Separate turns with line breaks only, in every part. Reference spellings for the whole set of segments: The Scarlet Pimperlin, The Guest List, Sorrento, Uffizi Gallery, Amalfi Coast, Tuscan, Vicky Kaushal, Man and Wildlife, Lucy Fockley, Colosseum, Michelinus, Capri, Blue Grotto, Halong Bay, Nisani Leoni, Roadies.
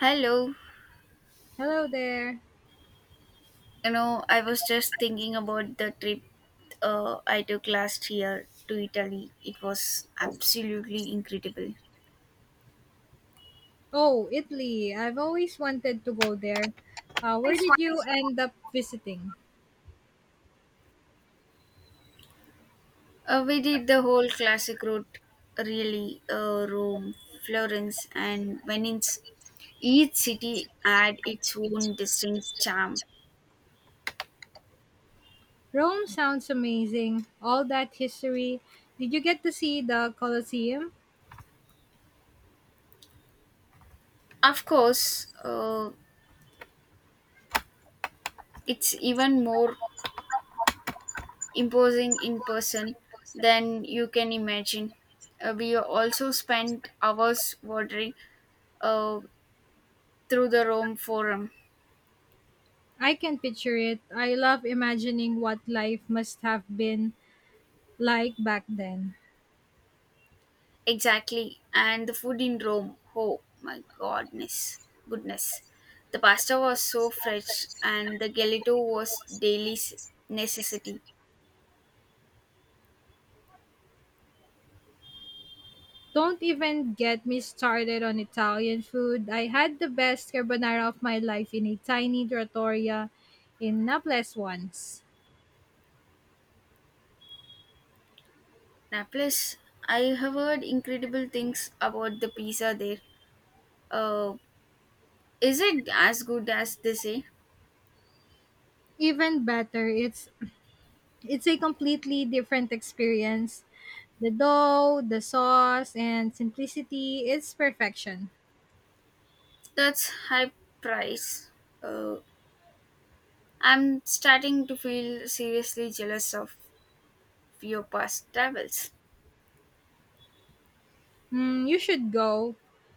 Hello.
Hello there.
You know, I was just thinking about the trip I took last year to Italy. It was absolutely incredible.
Oh, Italy. I've always wanted to go there. Where did you end up visiting?
We did the whole classic route, really, Rome, Florence, and Venice. Each city had its own distinct charm.
Rome sounds amazing. All that history. Did you get to see the Colosseum?
Of course, it's even more imposing in person than you can imagine. We also spent hours wandering, uh, through the Rome Forum.
I can picture it. I love imagining what life must have been like back then.
Exactly. And the food in Rome. Oh my goodness. Goodness. The pasta was so fresh and the gelato was necessity.
Don't even get me started on Italian food. I had the best carbonara of my life in a tiny trattoria in Naples once.
Naples, I have heard incredible things about the pizza there. Uh, is it as good as they say?
Even better, It's a completely different experience. The dough, the sauce, and simplicity its perfection.
That's high price. Uh, I'm starting to feel seriously jealous of your past travels.
Mm, you should go.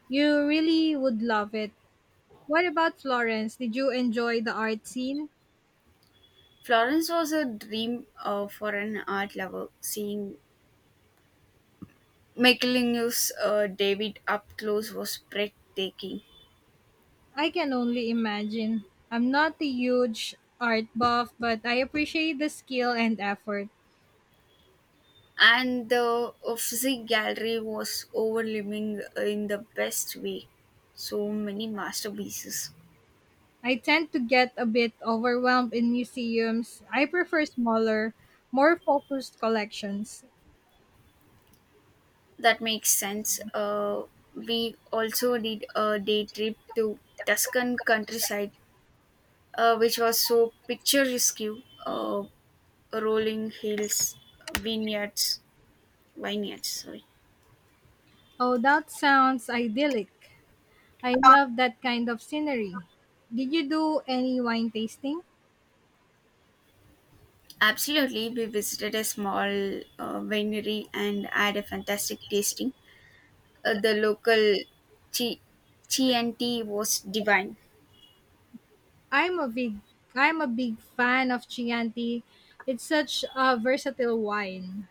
You really would love it. What about Florence? Did you enjoy the art scene?
Florence was a dream, for an art lover. Seeing Michelinus, David up close was breathtaking.
I can only imagine. I'm not a huge art buff, but I appreciate the skill and effort.
And the Uffizi Gallery was overwhelming in the best way. So many masterpieces.
I tend to get a bit overwhelmed in museums. I prefer smaller, more focused collections.
That makes sense. We also did a day trip to Tuscan countryside, which was so picturesque. Uh, Rolling hills, vineyards, vineyards. Sorry.
Oh, that sounds idyllic. I love that kind of scenery. Did you do any wine tasting?
Absolutely, we visited a small, winery and had a fantastic tasting. The local tea, tea and tea was divine.
I'm a big I'm a big fan of Chianti. It's such a versatile wine.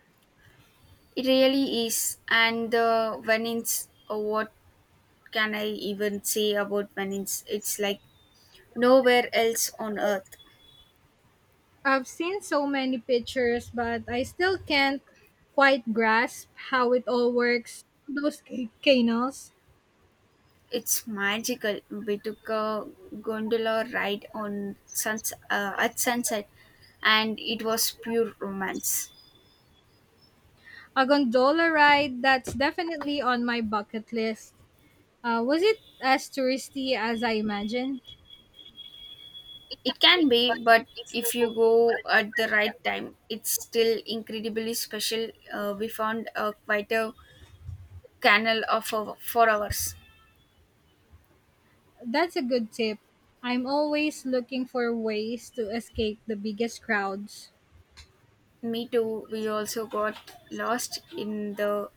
It really is. And the Venice, what can I even say about Venice? It's like nowhere else on earth.
I've seen so many pictures, but I still can't quite grasp how it all works. Those canals.
It's magical. We took a gondola ride on at sunset, and it was pure romance.
A gondola ride, that's definitely on my bucket list. Was it as touristy as I imagined?
It can be, but if you go at the right time, it's still incredibly special. We found a quite a canal of our, for hours.
That's a good tip. I'm always looking for ways to escape the biggest crowds.
Me too. We also got lost in the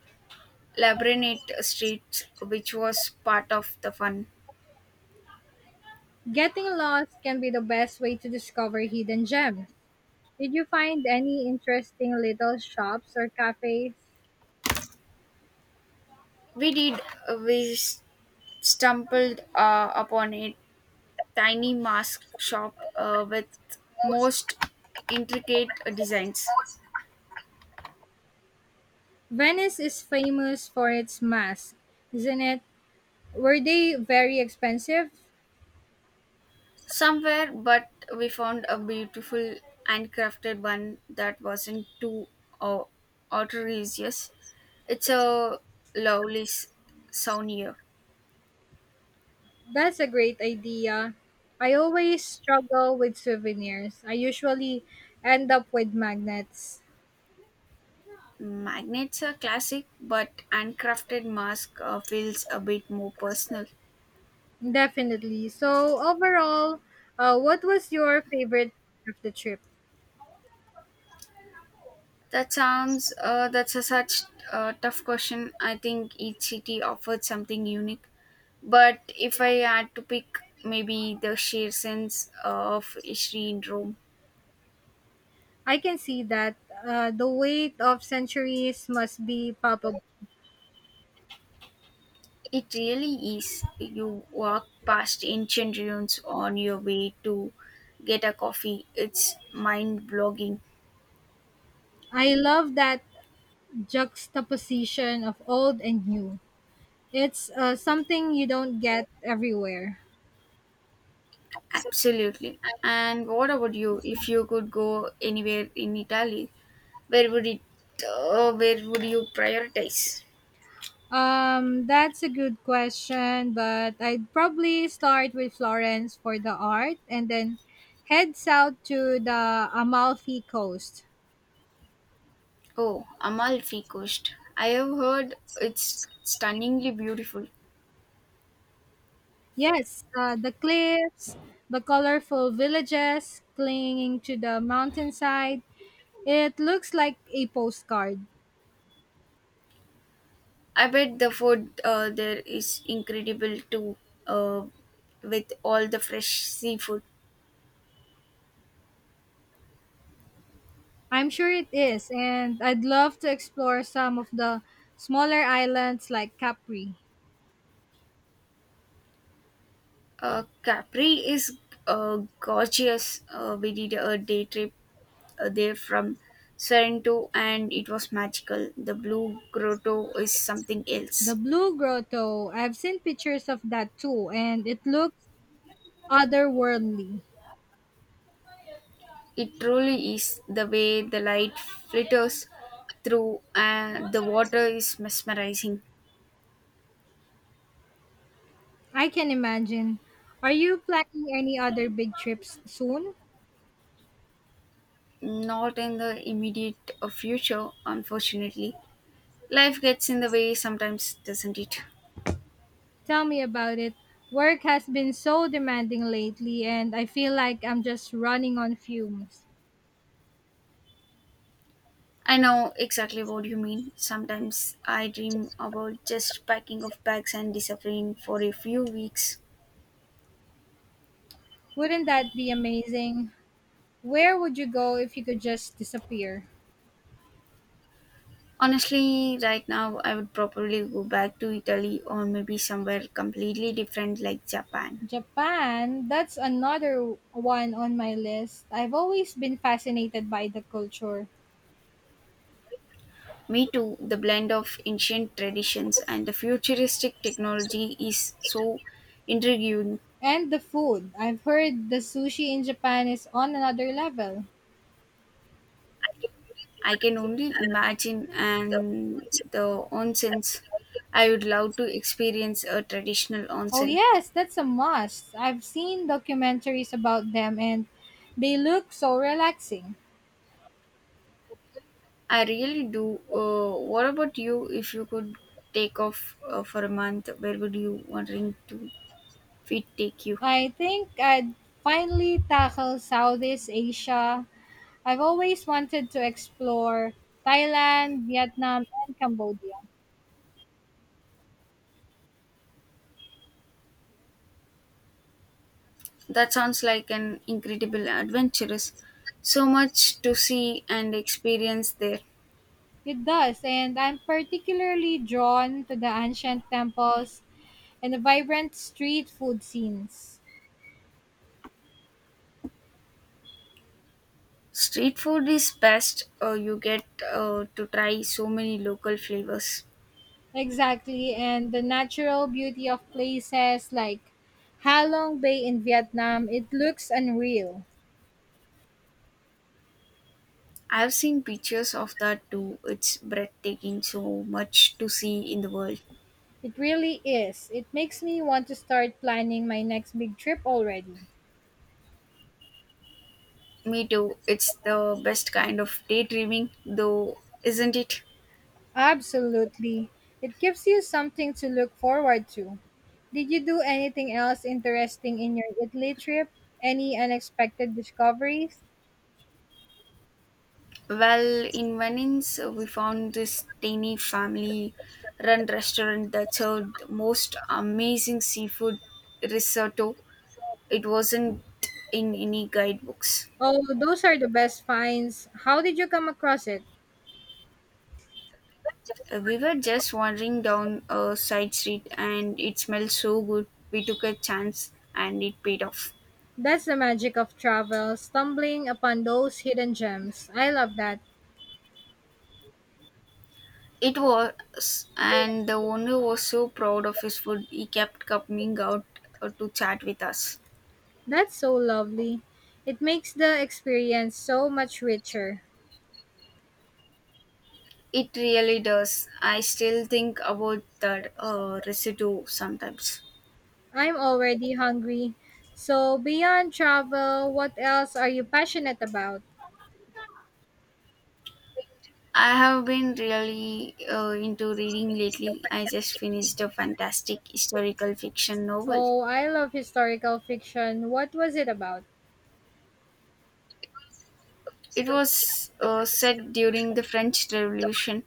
labyrinth streets, which was part of the fun.
Getting lost can be the best way to discover hidden gems. Did you find any interesting little shops or cafes?
We did. We stumbled upon a tiny mask shop with most intricate designs.
Venice is famous for its masks, isn't it? Were they very expensive?
Somewhere, but we found a beautiful handcrafted one that wasn't too, uh, outrageous. It's a lovely souvenir.
That's a great idea. I always struggle with souvenirs. I usually end up with magnets.
Magnets are classic, but handcrafted mask, feels a bit more personal.
Definitely. So overall, what was your favorite part of the trip?
That sounds. That's a such, tough question. I think each city offered something unique, but if I had to pick, maybe the sheer sense of history in Rome.
I can see that, the weight of centuries must be palpable.
It really is. You walk past ancient ruins on your way to get a coffee. It's mind blogging.
I love that juxtaposition of old and new. It's something you don't get everywhere.
Absolutely. And what about you? If you could go anywhere in Italy, where would it? Where would you prioritize?
That's a good question, but I'd probably start with Florence for the art and then head south to the Amalfi Coast.
Oh, Amalfi Coast. I have heard it's stunningly beautiful.
Yes, the cliffs, the colorful villages clinging to the mountainside. It looks like a postcard.
I bet the food, there is incredible too, uh, with all the fresh seafood.
I'm sure it is, and I'd love to explore some of the smaller islands like Capri.
Capri is, gorgeous. We did a day trip, there from Sorrento and it was magical. The blue grotto is something
The
else.
Blue Grotto, I've seen pictures of that too, and it looks otherworldly.
It truly is. The way the light flitters through and the water is mesmerizing.
I can imagine. Are you planning any other big trips soon?
Not in the immediate, future, unfortunately. Life gets in the way sometimes, doesn't it?
Tell me about it. Work has been so demanding lately, and I feel like I'm just running on fumes.
I know exactly what you mean. Sometimes I dream about just packing of bags and disappearing for a few weeks.
Wouldn't that be amazing? Where would you go if you could just disappear?
Honestly, right now I would probably go back to Italy or maybe somewhere completely different like Japan.
Japan, that's another one on my list. I've always been fascinated by the culture
Me too, the blend of ancient traditions and the futuristic technology is so intriguing.
and the food. I've heard the sushi in Japan is on another level.
I can only imagine and the onsens. I would love to experience a traditional
Oh,
onsen.
yes, that's a must. I've seen documentaries about them and they look so relaxing.
I really do. What about you? If you could take off, for a month, where would you wanting to feet take you?
I think I'd finally tackle Southeast Asia. I've always wanted to explore Thailand, Vietnam, and Cambodia.
That sounds like an incredible adventurous. So much to see and experience there.
It does, and I'm particularly drawn to the ancient temples and the vibrant street food scenes.
Street food is best. You get, to try so many local flavors.
Exactly, and the natural beauty of places like Halong Bay in Vietnam, it looks unreal.
I've seen pictures of that too. It's breathtaking. So much to see in the world.
It really is. It makes me want to start planning my next big trip already.
Me too. It's the best kind of daydreaming, though, isn't it?
Absolutely. It gives you something to look forward to. Did you do anything else interesting in your Italy trip? Any unexpected discoveries?
Well, in Venice, we found this tiny family run restaurant that served most amazing seafood risotto. It wasn't in any guidebooks.
Oh, those are the best finds. How did you come across it?
We were just wandering down a side street and it smelled so good. We took a chance and it paid off.
That's the magic of travel, stumbling upon those hidden gems. I love that.
It was, and the owner was so proud of his food, he kept coming out, to chat with us.
That's so lovely. It makes the experience so much richer.
It really does. I still think about that, residue sometimes.
I'm already hungry. So, beyond travel, what else are you passionate about?
I have been really, into reading lately. I just finished a fantastic historical fiction novel.
Oh, I love historical fiction. What was it about?
It was, set during the French Revolution.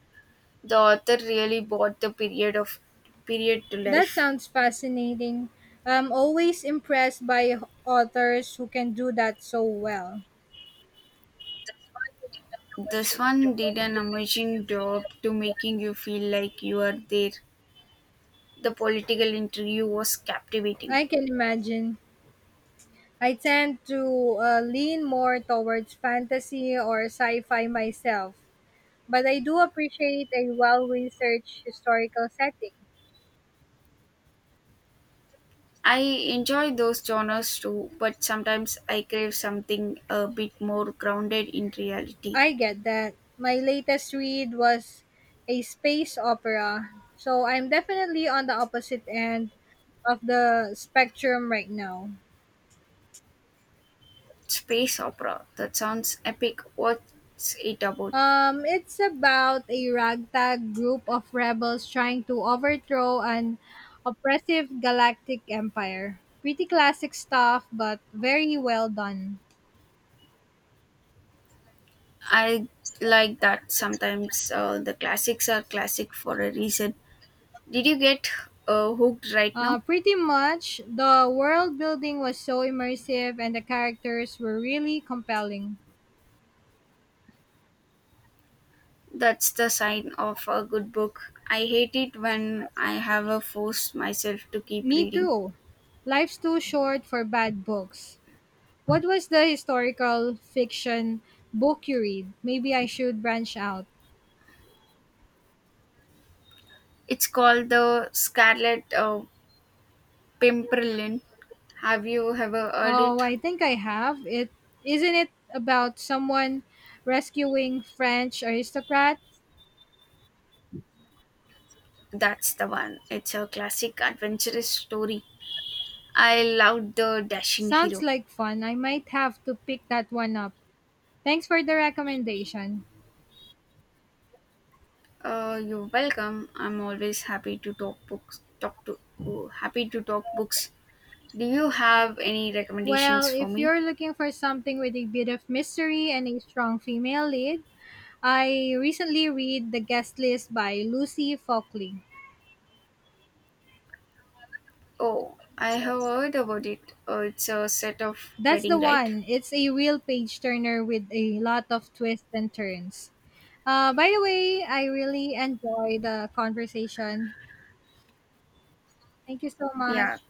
The author really brought the period to
That
life.
sounds fascinating. I'm always impressed by authors who can do that so well.
This one did an amazing job to making you feel like you are there. The political interview was captivating.
I can imagine. I tend to lean more towards fantasy or sci fi myself, but I do appreciate a well researched historical setting.
I enjoy those genres too, but sometimes I crave something a bit more grounded in reality.
I get that. My latest read was a space opera, so I'm definitely on the opposite end of the spectrum right now.
Space opera, that sounds epic. What's it about?
It's about a ragtag group of rebels trying to overthrow an oppressive galactic empire. Pretty classic stuff, but very well done.
I like that sometimes, the classics are classic for a reason. Did you get, hooked right now?
Pretty much, the world building was so immersive and the characters were really compelling.
That's the sign of a good book. I hate it when I have, forced myself to keep
Me
reading.
too. Life's too short for bad books. What was the historical fiction book you read? Maybe I should branch out.
It's called The Scarlet, Pimperlin. Have you ever heard
Oh,
it?
I think I have. It isn't it about someone rescuing French aristocrats?
That's the one. It's a classic adventurous story. I loved the dashing
Sounds
hero.
like fun. I might have to pick that one up. Thanks for the recommendation.
You're welcome. I'm always happy to talk books. Happy to talk books. Do you have any
Well,
recommendations for
if
me?
you're looking for something with a bit of mystery and a strong female lead, I recently read The Guest List by Lucy Fockley.
Oh, I have heard about it. It's a set of
That's
wedding,
the
right?
one. It's a real page turner with a lot of twists and turns. By the way, I really enjoyed the conversation. Thank you so
Yeah.
much.